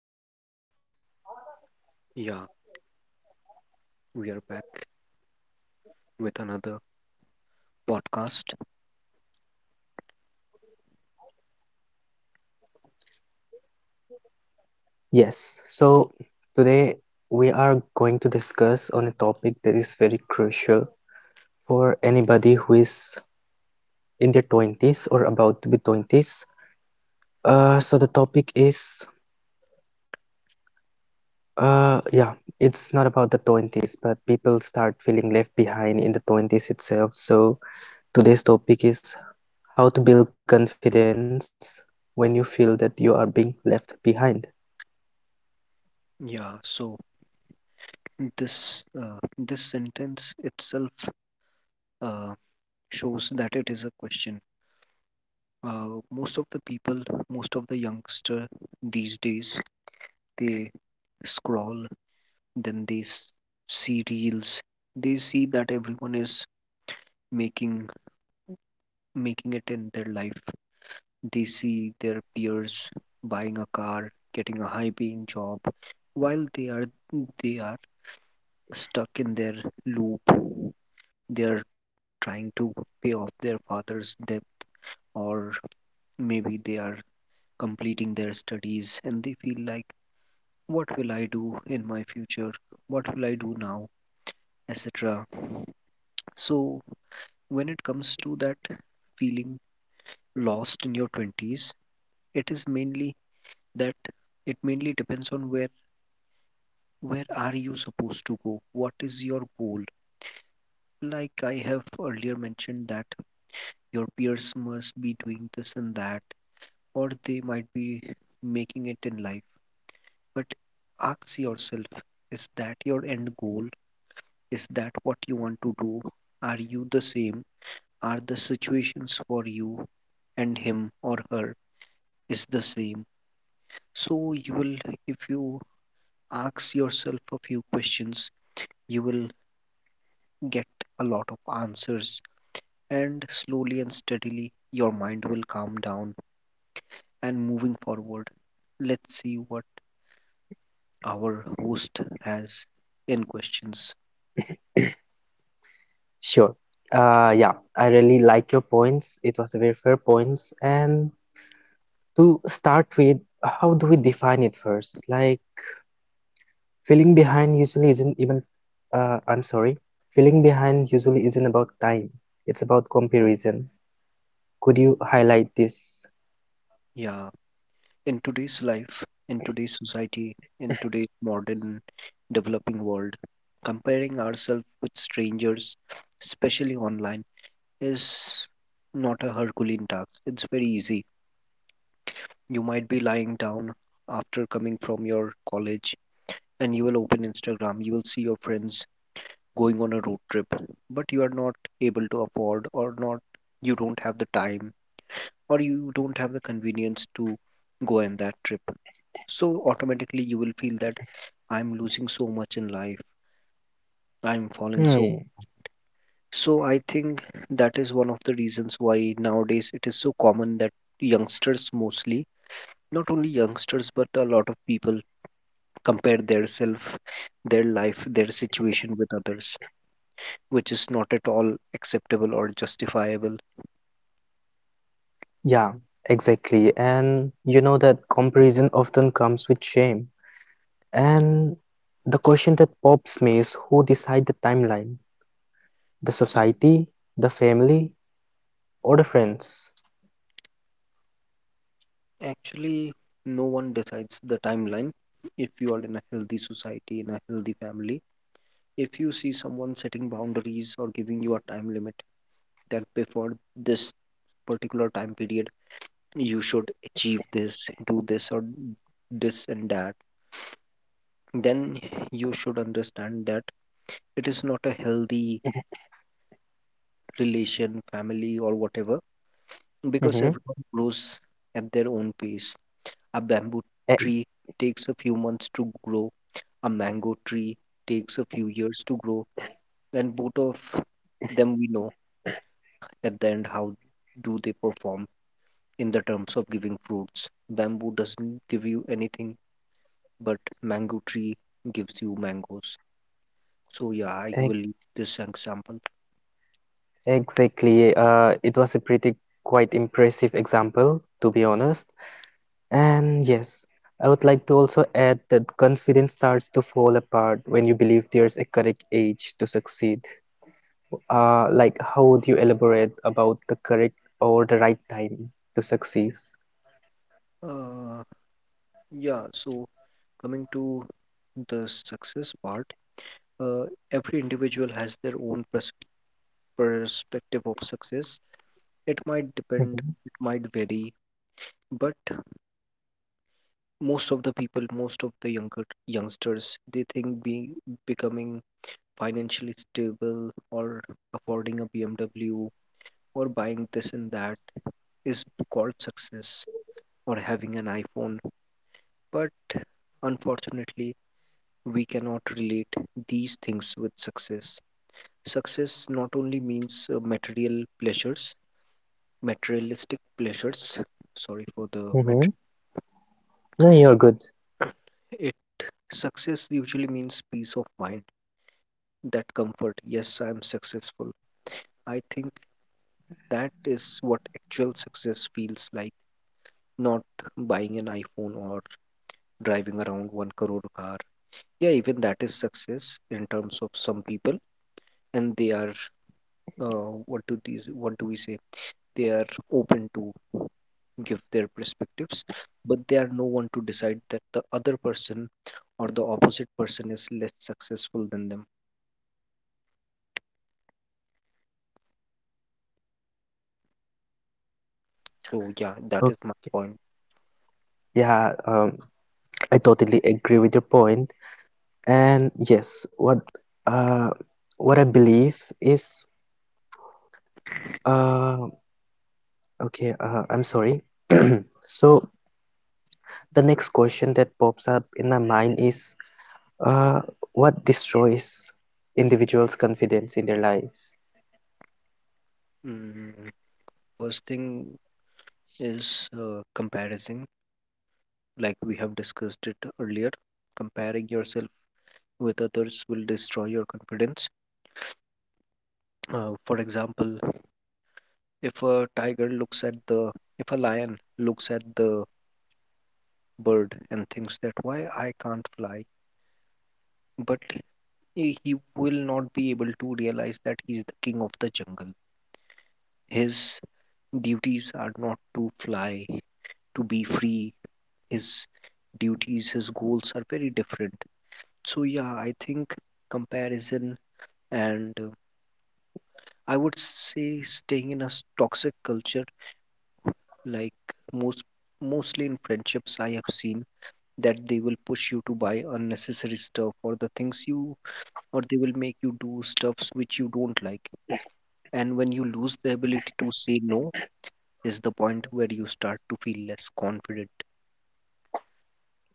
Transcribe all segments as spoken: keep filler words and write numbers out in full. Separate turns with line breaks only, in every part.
So, yeah, we are back with another podcast.
Yes, so today we are going to discuss on a topic that is very crucial for anybody who is in their twenties or about to be twenties. Uh,
Y-
so the topic is uh yeah, it's not about the twenties, but people start feeling left behind in the twenties itself. So today's topic is how to build confidence when you feel that you are being left behind.
Yeah, so this uh, this sentence itself uh, shows that it is a question. Uh, most of the people, most of the youngster these days, they scroll, then they s- see reels. They see that everyone is making making it in their life. They see their peers buying a car, getting a high paying job, while they are they are stuck in their loop. They are trying to pay off their father's debt, or maybe they are completing their studies and they feel like, what will I do in my future? What will I do now? et cetera. So when it comes to that feeling lost in your twenties, it is mainly that it mainly depends on where Where are you supposed to go? What is your goal? Like I have earlier mentioned that your peers must be doing this and that, or they might be making it in life. But ask yourself, is that your end goal? Is that what you want to do? Are you the same? Are the situations for you and him or her is the same? So you will, if you ask yourself a few questions, you will get a lot of answers. And slowly and steadily, your mind will calm down and moving forward. Let's see what our host has in questions.
Sure. Uh, yeah, I really like your points. It was a very fair points. And to start with, how do we define it first? Like feeling behind usually isn't even, uh, I'm sorry, feeling behind usually isn't about time. It's about comparison. Could you highlight this?
Yeah, in today's life, in today's society, in today's modern developing world, comparing ourselves with strangers, especially online, is not a Herculean task. It's very easy. You might be lying down after coming from your college and you will open Instagram, you will see your friends going on a road trip, but you are not able to afford or not, you don't have the time or you don't have the convenience to go on that trip. So automatically you will feel that I'm losing so much in life. I'm falling so
Hmm.
so I think that is one of the reasons why nowadays it is so common that youngsters mostly, not only youngsters but a lot of people compare their self, their life, their situation with others, which is not at all acceptable or justifiable.
Yeah, exactly. And you know that comparison often comes with shame. And the question that pops me is who decide the timeline? The society? The family? Older friends.
Actually, no one decides the timeline. If you are in a healthy society, in a healthy family, if you see someone setting boundaries or giving you a time limit that before this particular time period, you should achieve this, do this, or this and that, then you should understand that it is not a healthy relation, family, or whatever, because
Mm-hmm.
everyone grows at their own pace. A bamboo
E-
tree takes a few months to grow, a mango tree takes a few years to grow, and both of them we know at the end how do they perform in the terms of giving fruits. Bamboo doesn't give you anything, but mango tree gives you mangoes. So yeah, I
e-
will leave this example.
Exactly. Uh, it was a pretty quite impressive example, to be honest. And yes, I would like to also add that confidence starts to fall apart when you believe there's a correct age to succeed. Uh, like, how would you elaborate about the correct or the right time to succeed?
Uh, yeah, so coming to the success part, uh, every individual has their own pers- perspective of success. It might depend,
Mm-hmm.
it might vary, but most of the people, most of the younger youngsters, they think being becoming financially stable or affording a B M W or buying this and that is called success, or having an iPhone. But unfortunately, we cannot relate these things with success. Success not only means uh, material pleasures, materialistic pleasures, sorry for the mat-
Mm-hmm. No, you're good.
it success usually means peace of mind, that comfort, yes, I am successful. I think that is what actual success feels like, not buying an iPhone or driving around one crore car. Yeah, even that is success in terms of some people, and they are uh, what do these what do we say they are open to give their perspectives, but they are no one to decide that the other person or the opposite person is less successful than them. So yeah, that is
Okay.
my point.
Yeah, um, I totally agree with your point. And yes, what uh what I believe is uh okay, uh, I'm sorry. So the next question that pops up in my mind is uh what destroys individuals' confidence in their life?
Mm, first thing is, uh, comparison, like we have discussed it earlier. Comparing yourself with others will destroy your confidence. uh, for example, if a tiger looks at the if a lion looks at the bird and thinks that, why I can't fly, but he he will not be able to realize that he's the king of the jungle. His duties are not to fly, to be free. His duties, his goals are very different. So, yeah, I think comparison, and uh, I would say staying in a s- toxic culture. Like most mostly in friendships I have seen that they will push you to buy unnecessary stuff or the things you, or they will make you do stuffs which you don't like. And when you lose the ability to say no, is the point where you start to feel less confident.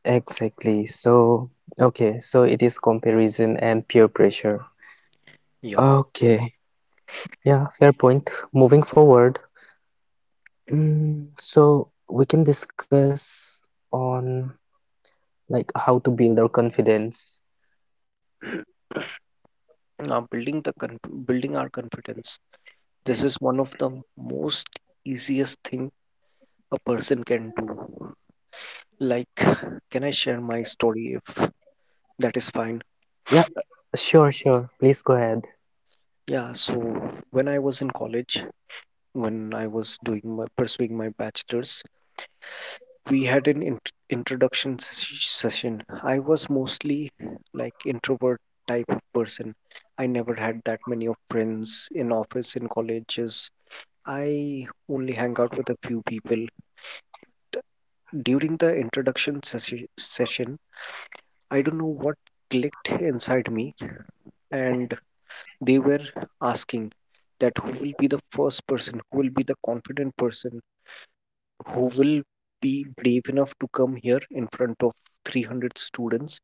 Exactly. So, okay, so it is comparison and peer pressure.
Yeah.
Okay, yeah, fair point. Moving forward, mm, so we can discuss on like how to build our confidence.
Now building the conf- building our confidence. This is one of the most easiest thing a person can do. Like, can I share my story if that is fine?
Yeah, sure, sure. Please go ahead.
Yeah. So when I was in college, when I was doing my pursuing my bachelor's, we had an int- introduction ses- session. I was mostly like introvert type of person. I never had that many of friends in office in colleges. I only hang out with a few people. D- During the introduction sessi- session, I don't know what clicked inside me, and they were asking that, who will be the first person, who will be the confident person, who will be brave enough to come here in front of three hundred students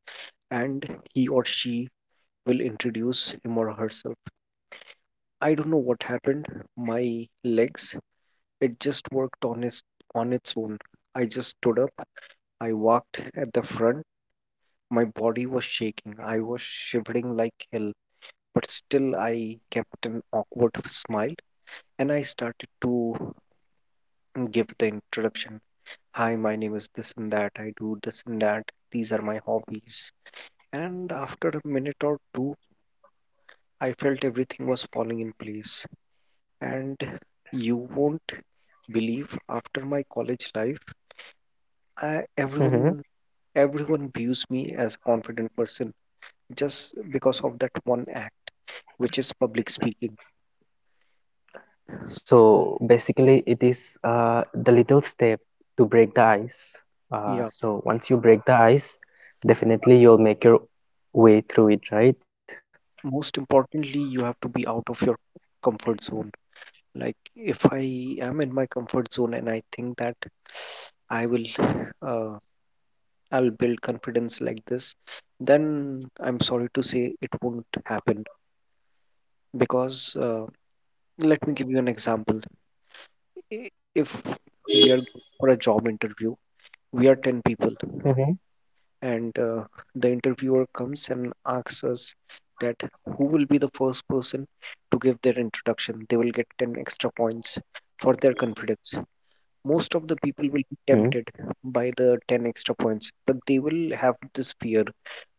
and he or she will introduce him or herself. I don't know what happened. My legs, it just worked on its on its own. I just stood up. I walked at the front. My body was shaking. I was shivering like hell, but still I kept an awkward smile and I started to give the introduction. Hi, my name is this and that. I do this and that. These are my hobbies. And after a minute or two, I felt everything was falling in place. And you won't believe, after my college life, I,
Hmm.
everyone everyone views me as a confident person just because of that one act, which is public speaking.
So basically, it is uh, the little step to break the ice. Uh,
Yeah.
so once you break the ice, definitely you'll make your way through it, right?
Most importantly, you have to be out of your comfort zone. Like if I am in my comfort zone and I think that I will uh, I'll build confidence like this, then I'm sorry to say it won't happen because, uh, let me give you an example. i- if we are going for a job interview, we are ten people,
Mm-hmm.
and uh, the interviewer comes and asks us that, who will be the first person to give their introduction, they will get ten extra points for their confidence. Most of the people will be tempted by the ten extra points, but they will have this fear,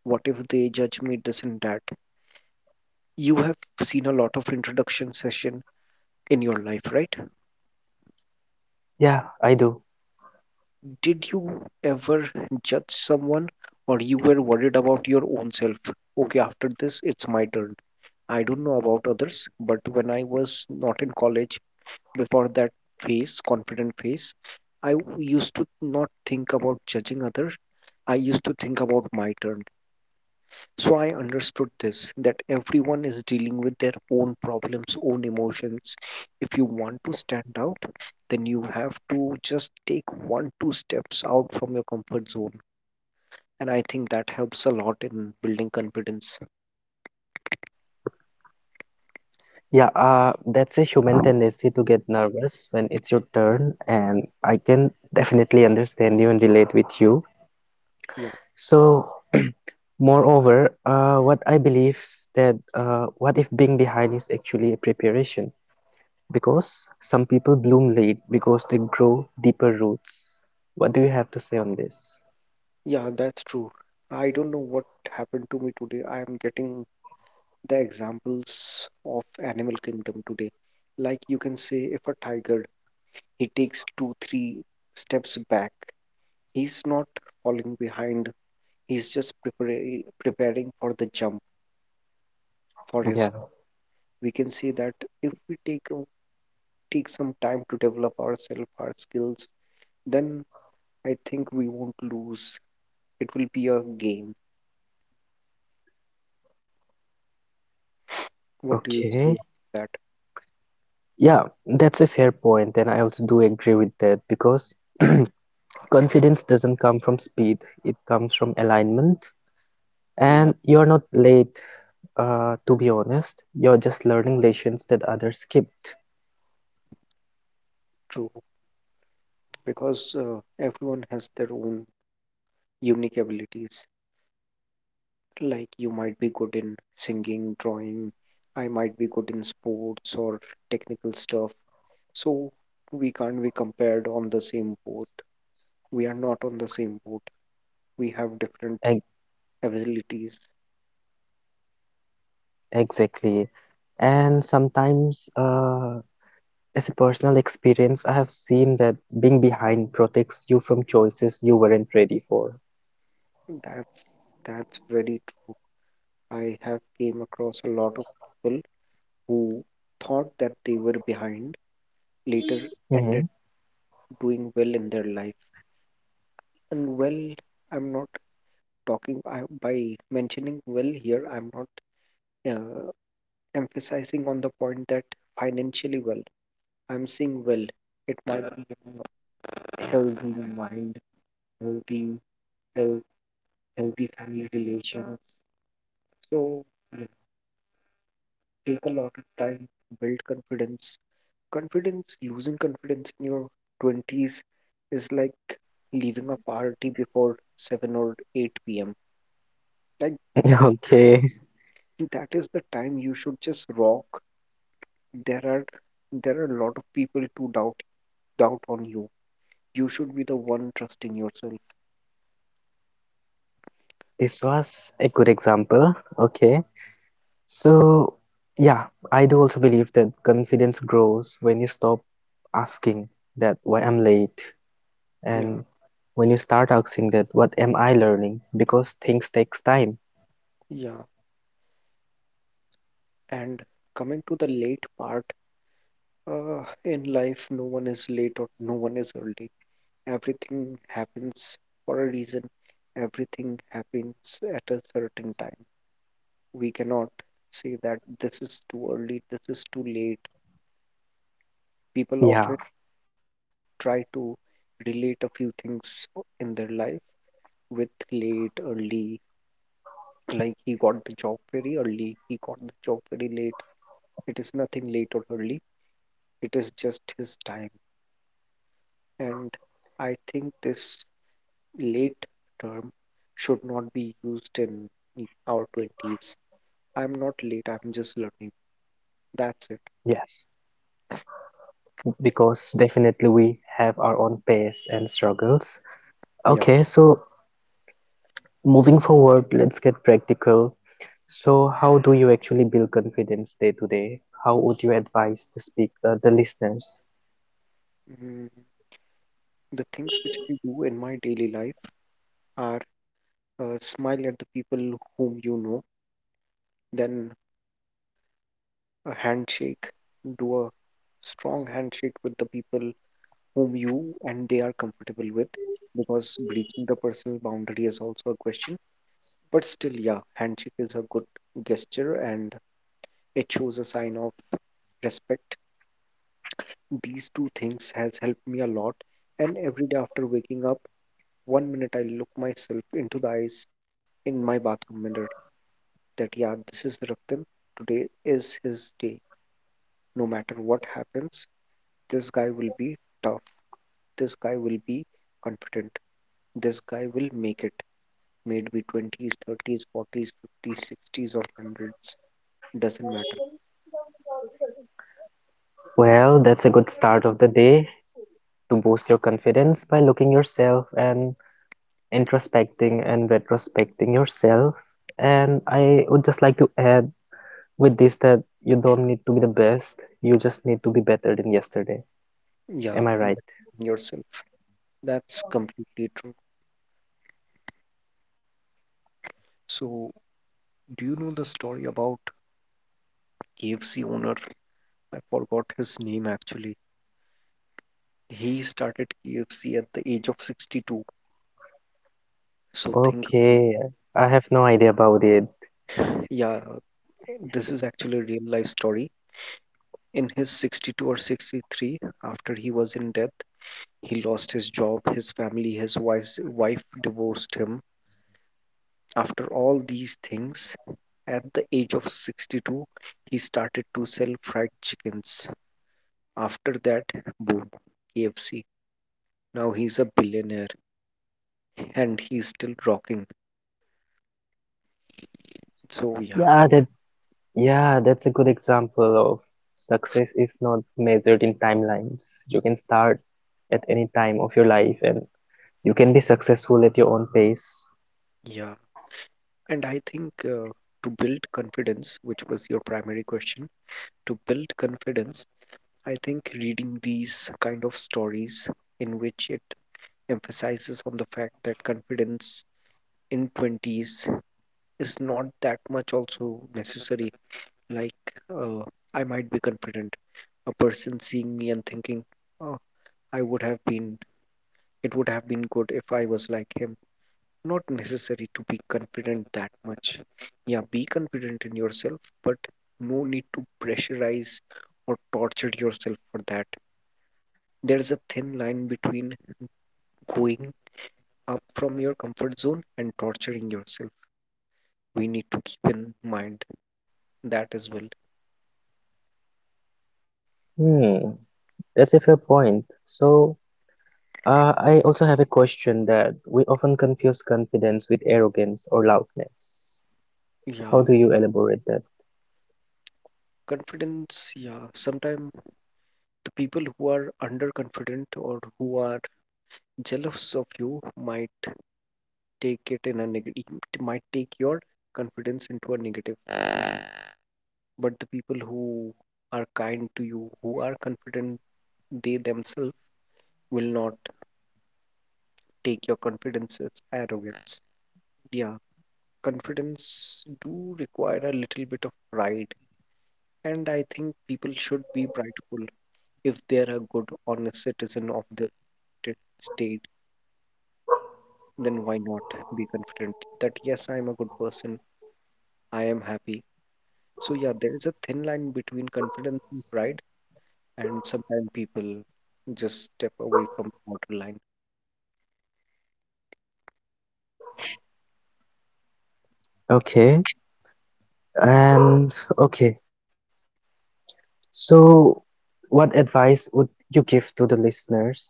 what if they judge me this and that. You have seen a lot of introduction session in your life, right?
Yeah, I do.
Did you ever judge someone or you were worried about your own self? Okay, after this, it's my turn. I don't know about others, but when I was not in college, before that phase, confident phase, I w- used to not think about judging others. I used to think about my turn. So I understood this, that everyone is dealing with their own problems, own emotions. If you want to stand out, then you have to just take one, two steps out from your comfort zone, and I think that helps a lot in building confidence.
Yeah, uh, that's a human tendency to get nervous when it's your turn, and I can definitely understand you and relate with you.
Yeah,
So, moreover, uh, what I believe that uh, what if being behind is actually a preparation? Because some people bloom late because they grow deeper roots. What do you have to say on this?
yeah, that's true. I don't know what happened to me today. I am getting the examples of animal kingdom today. Like you can say, if a tiger, he takes two, three steps back. He's not falling behind. He's just preparing preparing for the jump for his.
Yeah,
We can say that if we take a- take some time to develop ourselves, our skills, then I think we won't lose. It will be a game. What do you say about
okay. Yeah, that's a fair point, and I also do agree with that because. Confidence doesn't come from speed, it comes from alignment.
that? Yeah,
And you're not late, uh, to be honest, you're just learning lessons that others skipped.
true. Because uh, everyone has their own unique abilities. Like you might be good in singing, drawing, I might be good in sports or technical stuff. So we can't be compared on the same boat. We are not on the same boat. We have different
Ex-
abilities.
exactly and sometimes, uh, as a personal experience, I have seen that being behind protects you from choices you weren't ready for.
That's that's very true. I have came across a lot of people who thought that they were behind later ended
Mhm.
doing well in their life. And well, I'm not talking I, by mentioning well here, I'm not uh, emphasizing on the point that financially well. I'm saying well. It might be, you know, healthy mind, healthy health, healthy family relations. So take a lot of time, build confidence. Confidence, losing confidence in your twenties is like leaving a party before seven or eight p m. Like that
Okay,
that is the time you should just rock. There are there are a lot of people to doubt doubt on you. You should be the one trusting yourself.
this was a good example. Okay. So, yeah, I do also believe that confidence grows when you stop asking that why I'm late
Yeah,
and when you start asking that what am I learning because things takes time.
yeah. And coming to the late part, uh, in life, no one is late or no one is early. Everything happens for a reason. Everything happens at a certain time. We cannot say that this is too early, this is too late. People often
Yeah,
try to relate a few things in their life with late, early, like he got the job very early, he got the job very late. It is nothing late or early, it is just his time. And I think this late term should not be used in our twenties. I'm not late, I'm just learning. That's it.
yes, because definitely we have our own pace and struggles.
Yeah.
Okay, so moving forward, let's get practical. So, how do you actually build confidence day to day? How would you advise the speak uh, the listeners?
Mm, the things which I do in my daily life are, uh, smile at the people whom you know, then a handshake, do a strong handshake with the people whom you and they are comfortable with, because breaching the personal boundary is also a question. But still, yeah, handshake is a good gesture and it shows a sign of respect. These two things has helped me a lot. And every day after waking up, one minute I look myself into the eyes in my bathroom mirror that yeah, this is Raktim. Today is his day. No matter what happens, this guy will be tough. This guy will be confident. This guy will make it. May it be twenties, thirties, forties, fifties, sixties, or hundreds. Doesn't matter.
Well, that's a good start of the day, to boost your confidence by looking yourself and introspecting and retrospecting yourself. And I would just like to add with this that you don't need to be the best, you just need to be better than yesterday.
Yeah,
Am I
mm,
right?
yourself. That's completely true. So, do you know the story about K F C owner? I forgot his name actually. He started K F C at the age of sixty-two. So, think,
Okay, I have no idea about it.
yeah, this is actually a real life story. In his sixty-two or sixty-three, after he was in death, he lost his job, his family, his wise, wife divorced him. After all these things, at the age of sixty-two, he started to sell fried chickens. After that, boom, K F C. Now he's a billionaire and he's still rocking. So, yeah,
Yeah, that yeah, that's a good example of success is not measured in timelines. You can start at any time of your life and you can be successful at your own pace.
yeah. And I think uh, to build confidence, which was your primary question, to build confidence, I think reading these kind of stories in which it emphasizes on the fact that confidence in twenties is not that much also necessary. Like, uh, I might be confident. A person seeing me and thinking, oh, I would have been, it would have been good if I was like him. Not necessary to be confident that much. Yeah, be confident in yourself, but no need to pressurize or torture yourself for that. There's a thin line between going up from your comfort zone and torturing yourself. We need to keep in mind that as well.
Hmm. That's a fair point. So, uh, I also have a question that we often confuse confidence with arrogance or loudness.
Yeah,
How do you elaborate that?
confidence. Yeah, sometimes the people who are underconfident or who are jealous of you might take it in a negative, might take your confidence into a negative. But the people who are kind to you, who are confident, they themselves will not take your confidence as arrogance. Yeah, confidence do require a little bit of pride, and I think people should be prideful if they're a good honest citizen of the t- state, then why not be confident that yes, I'm a good person, I am happy. So yeah, there is a thin line between confidence and pride, and sometimes people just step away from the borderline
Okay, and okay. So, what advice would you give to the listeners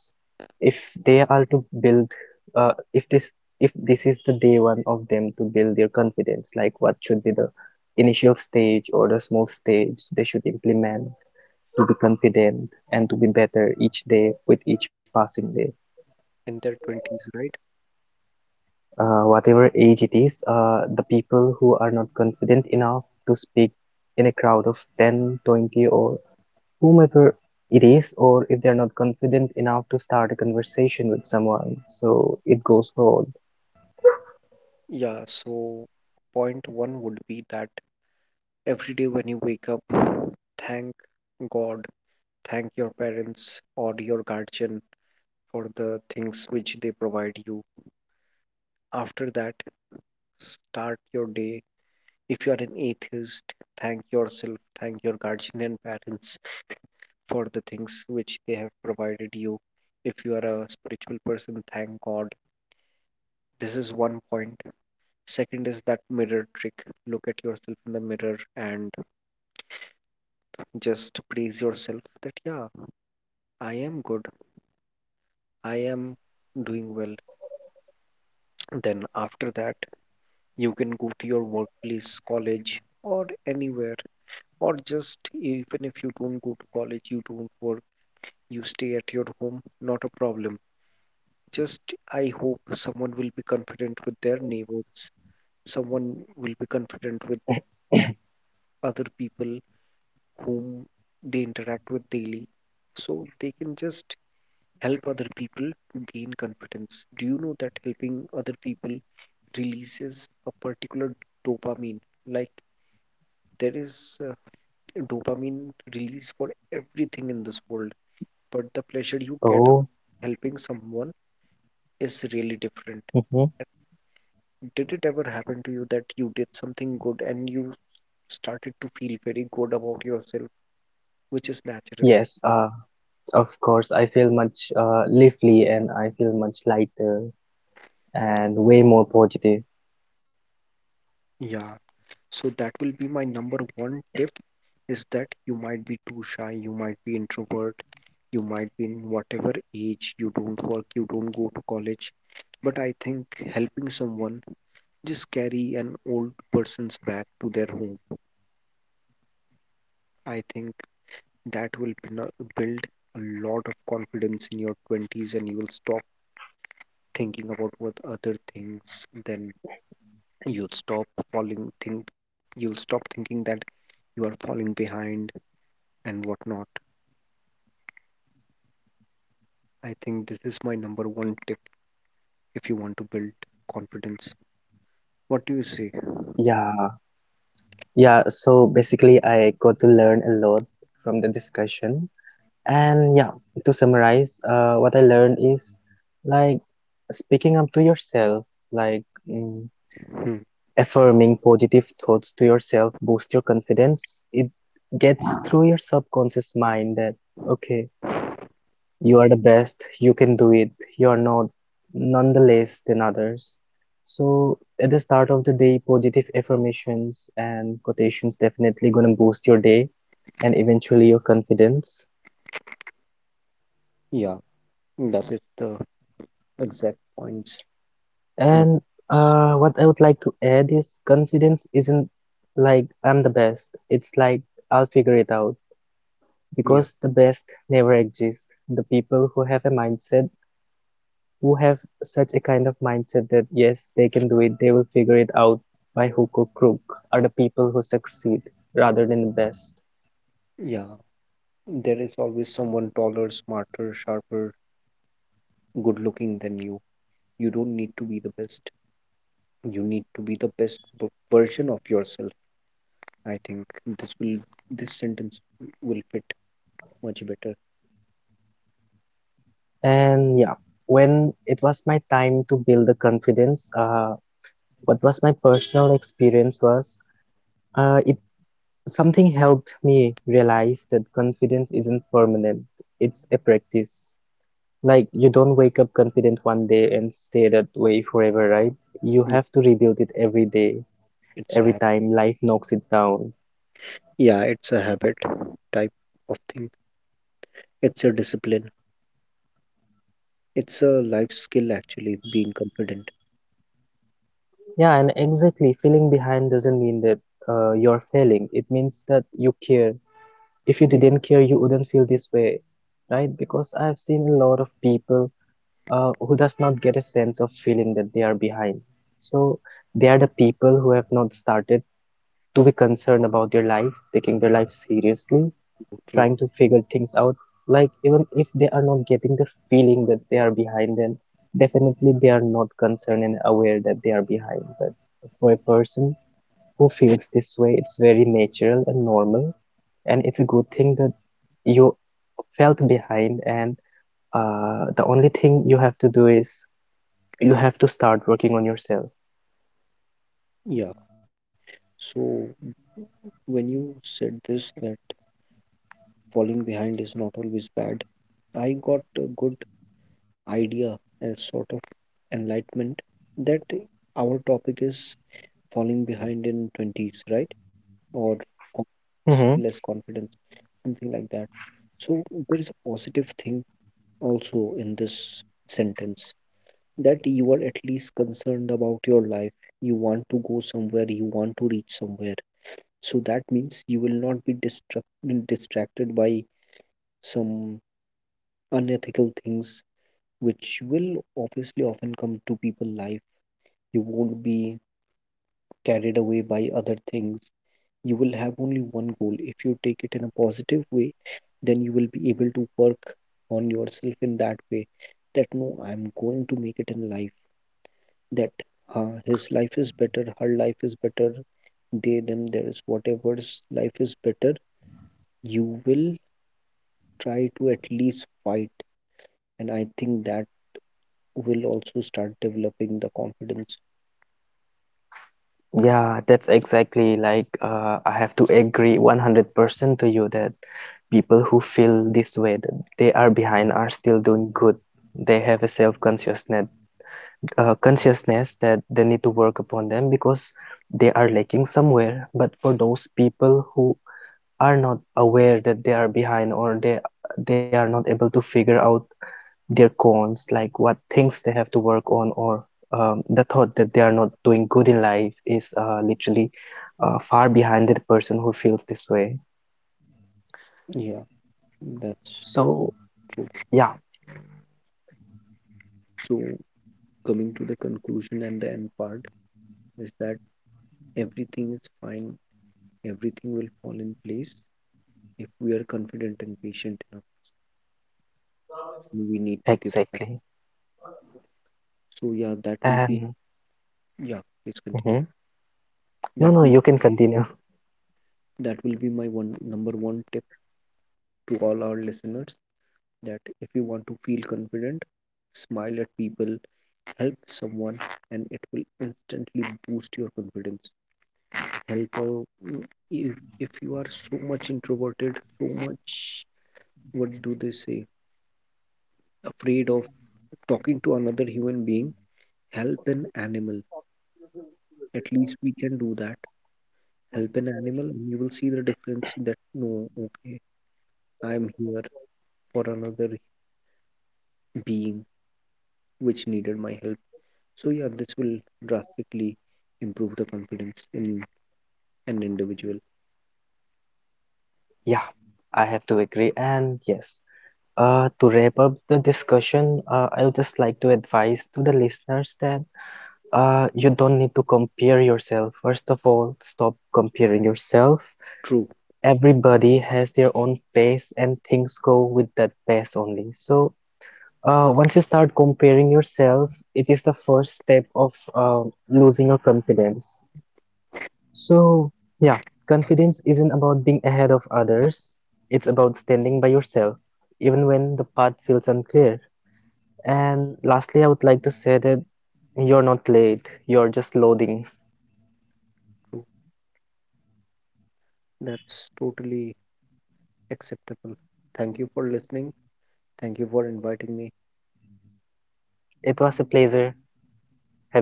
if they are to build, uh, if this if this is the day one of them to build their confidence, like what should be the initial stage or the small stage they should implement to be confident and to be better each day with each passing day.
in their twenties, right?
uh, whatever age it is, uh, the people who are not confident enough to speak in a crowd of ten, twenty, or whomever it is, or if they're not confident enough to start a conversation with someone, so it goes for
Yeah, so point one would be that every day when you wake up, thank god. Thank your parents or your guardian for the things which they provide you. After that, start your day. If you are an atheist, thank yourself, thank your guardian and parents for the things which they have provided you. If you are a spiritual person, thank God. This is one point. Second is that mirror trick. Look at yourself in the mirror and just praise yourself that, yeah, I am good. I am doing well. Then after that, you can go to your workplace, college, or anywhere, or just even if you don't go to college, you don't work, you stay at your home, not a problem. Just I hope someone will be confident with their neighbors, someone will be confident with other people whom they interact with daily, so they can just help other people to gain confidence. Do you know that helping other people releases a particular dopamine? Like, there is, uh, dopamine release for everything in this world, but the pleasure you
all.
get
Oh,
helping someone is really different.
hmm.
Did it ever happen to you that you did something good and you started to feel very good about yourself, which is natural?
Yes, uh, of course. I feel much uh, lively and I feel much lighter and way more positive.
Yeah, so that will be my number one tip, is that you might be too shy, you might be introvert, you might be in whatever age, you don't work, you don't go to college. But I think helping someone, just carry an old person's bag to their home. I think that will bina- build a lot of confidence in your twenties and you will stop thinking about what other things. Then you'll stop falling think you'll stop thinking that you are falling behind and whatnot. I think this is my number one tip if you want to build confidence. What do you say?
Yeah, yeah. So basically, I got to learn a lot from the discussion. And yeah, to summarize, uh, what I learned is like speaking up to yourself, like, mm,
Hmm.
affirming positive thoughts to yourself, boost your confidence. It gets through your subconscious mind that, okay. You are the best, you can do it, you are not nonetheless than others. So at the start of the day, positive affirmations and quotations definitely gonna boost your day and eventually your confidence.
Yeah, that is the exact points. which
And
is-
uh, what I would like to add is confidence isn't like I'm the best. It's like I'll figure it out
Yeah,
because the best never exists. The people who have a mindset who have such a kind of mindset that yes, they can do it, they will figure it out by hook or crook, are the people who succeed rather than the best.
yeah. There is always someone taller, smarter, sharper, good looking than you. You don't need to be the best. You need to be the best b- version of yourself. I think this, will this sentence will fit much better.
And yeah, when it was my time to build the confidence, uh, what was my personal experience was, uh, it something helped me realize that confidence isn't permanent, it's a practice. Like you don't wake up confident one day and stay that way forever, right? You
Yeah,
have to rebuild it every day,
it's a
every
habit.
time life knocks it down.
Yeah, it's a habit type of thing. It's a discipline. It's a life skill actually, being confident.
Yeah, and exactly, feeling behind doesn't mean that uh, you're failing. It means that you care. If you
Mm,
didn't care, you wouldn't feel this way, right? Because I've seen a lot of people uh, who does not get a sense of feeling that they are behind. So they are the people who have not started to be concerned about their life, taking their life seriously,
true.
trying to figure things out, like even if they are not getting the feeling that they are behind, then definitely they are not concerned and aware that they are behind, but for a person who feels this way it's very natural and normal, and it's a good thing that you felt behind, and uh, the only thing you have to do is you have to start working on yourself.
Yeah. So when you said this, that falling behind is not always bad, I got a good idea as sort of enlightenment that our topic is falling behind in twenties, right? Or
Hmm.
confidence, less confidence, something like that. So there is a positive thing also in this sentence that you are at least concerned about your life. You want to go somewhere, you want to reach somewhere. So that means you will not be distract- distracted by some unethical things, which will obviously often come to people life. You won't be carried away by other things. You will have only one goal. If you take it in a positive way, then you will be able to work on yourself in that way that no, I'm going to make it in life. That, uh, his life is better, her life is better, they, them, theirs, whatever's life is better, you will try to at least fight. And I think that will also start developing the confidence.
Yeah, that's exactly like, uh, I have to agree one hundred percent to you that people who feel this way that they are behind are still doing good. They have a self-consciousness, uh, consciousness that they need to work upon them because they are lacking somewhere. But for those people who are not aware that they are behind, or they they are not able to figure out their cons, like what things they have to work on, or um, the thought that they are not doing good in life is uh, literally, uh, far behind the person who feels this way.
Yeah, that's so
So,
true.
yeah,
So, coming to the conclusion and the end part is that everything is fine, everything will fall in place if we are confident and patient enough. We need to give back.
exactly.
So, yeah, that will be,
And
yeah, please continue.
mhm.
That
No,
will
no, you can continue.
that will be my one number one tip to all our listeners, that if you want to feel confident, smile at people, help someone, and it will instantly boost your confidence. Help out, if, if you are so much introverted, so much, what do they say, afraid of talking to another human being, help an animal, at least we can do that. Help an animal and you will see the difference that no, okay, I'm here for another being which needed my help. So yeah, this will drastically improve the confidence in an individual.
Yeah, I have to agree. And yes, uh, to wrap up the discussion, uh, I would just like to advise to the listeners that uh, you don't need to compare yourself. First of all, stop comparing yourself.
True,
Everybody has their own pace and things go with that pace only. So uh, once you start comparing yourself, it is the first step of uh, losing your confidence. So yeah, confidence isn't about being ahead of others. It's about standing by yourself, even when the path feels unclear. And lastly, I would like to say that you're not late. You're just loading.
true. That's totally acceptable. Thank you for listening. Thank you for inviting me.
It was a pleasure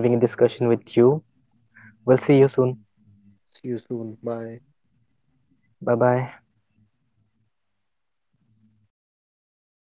having a discussion with you. We'll see you soon.
See you soon. Bye.
Bye bye.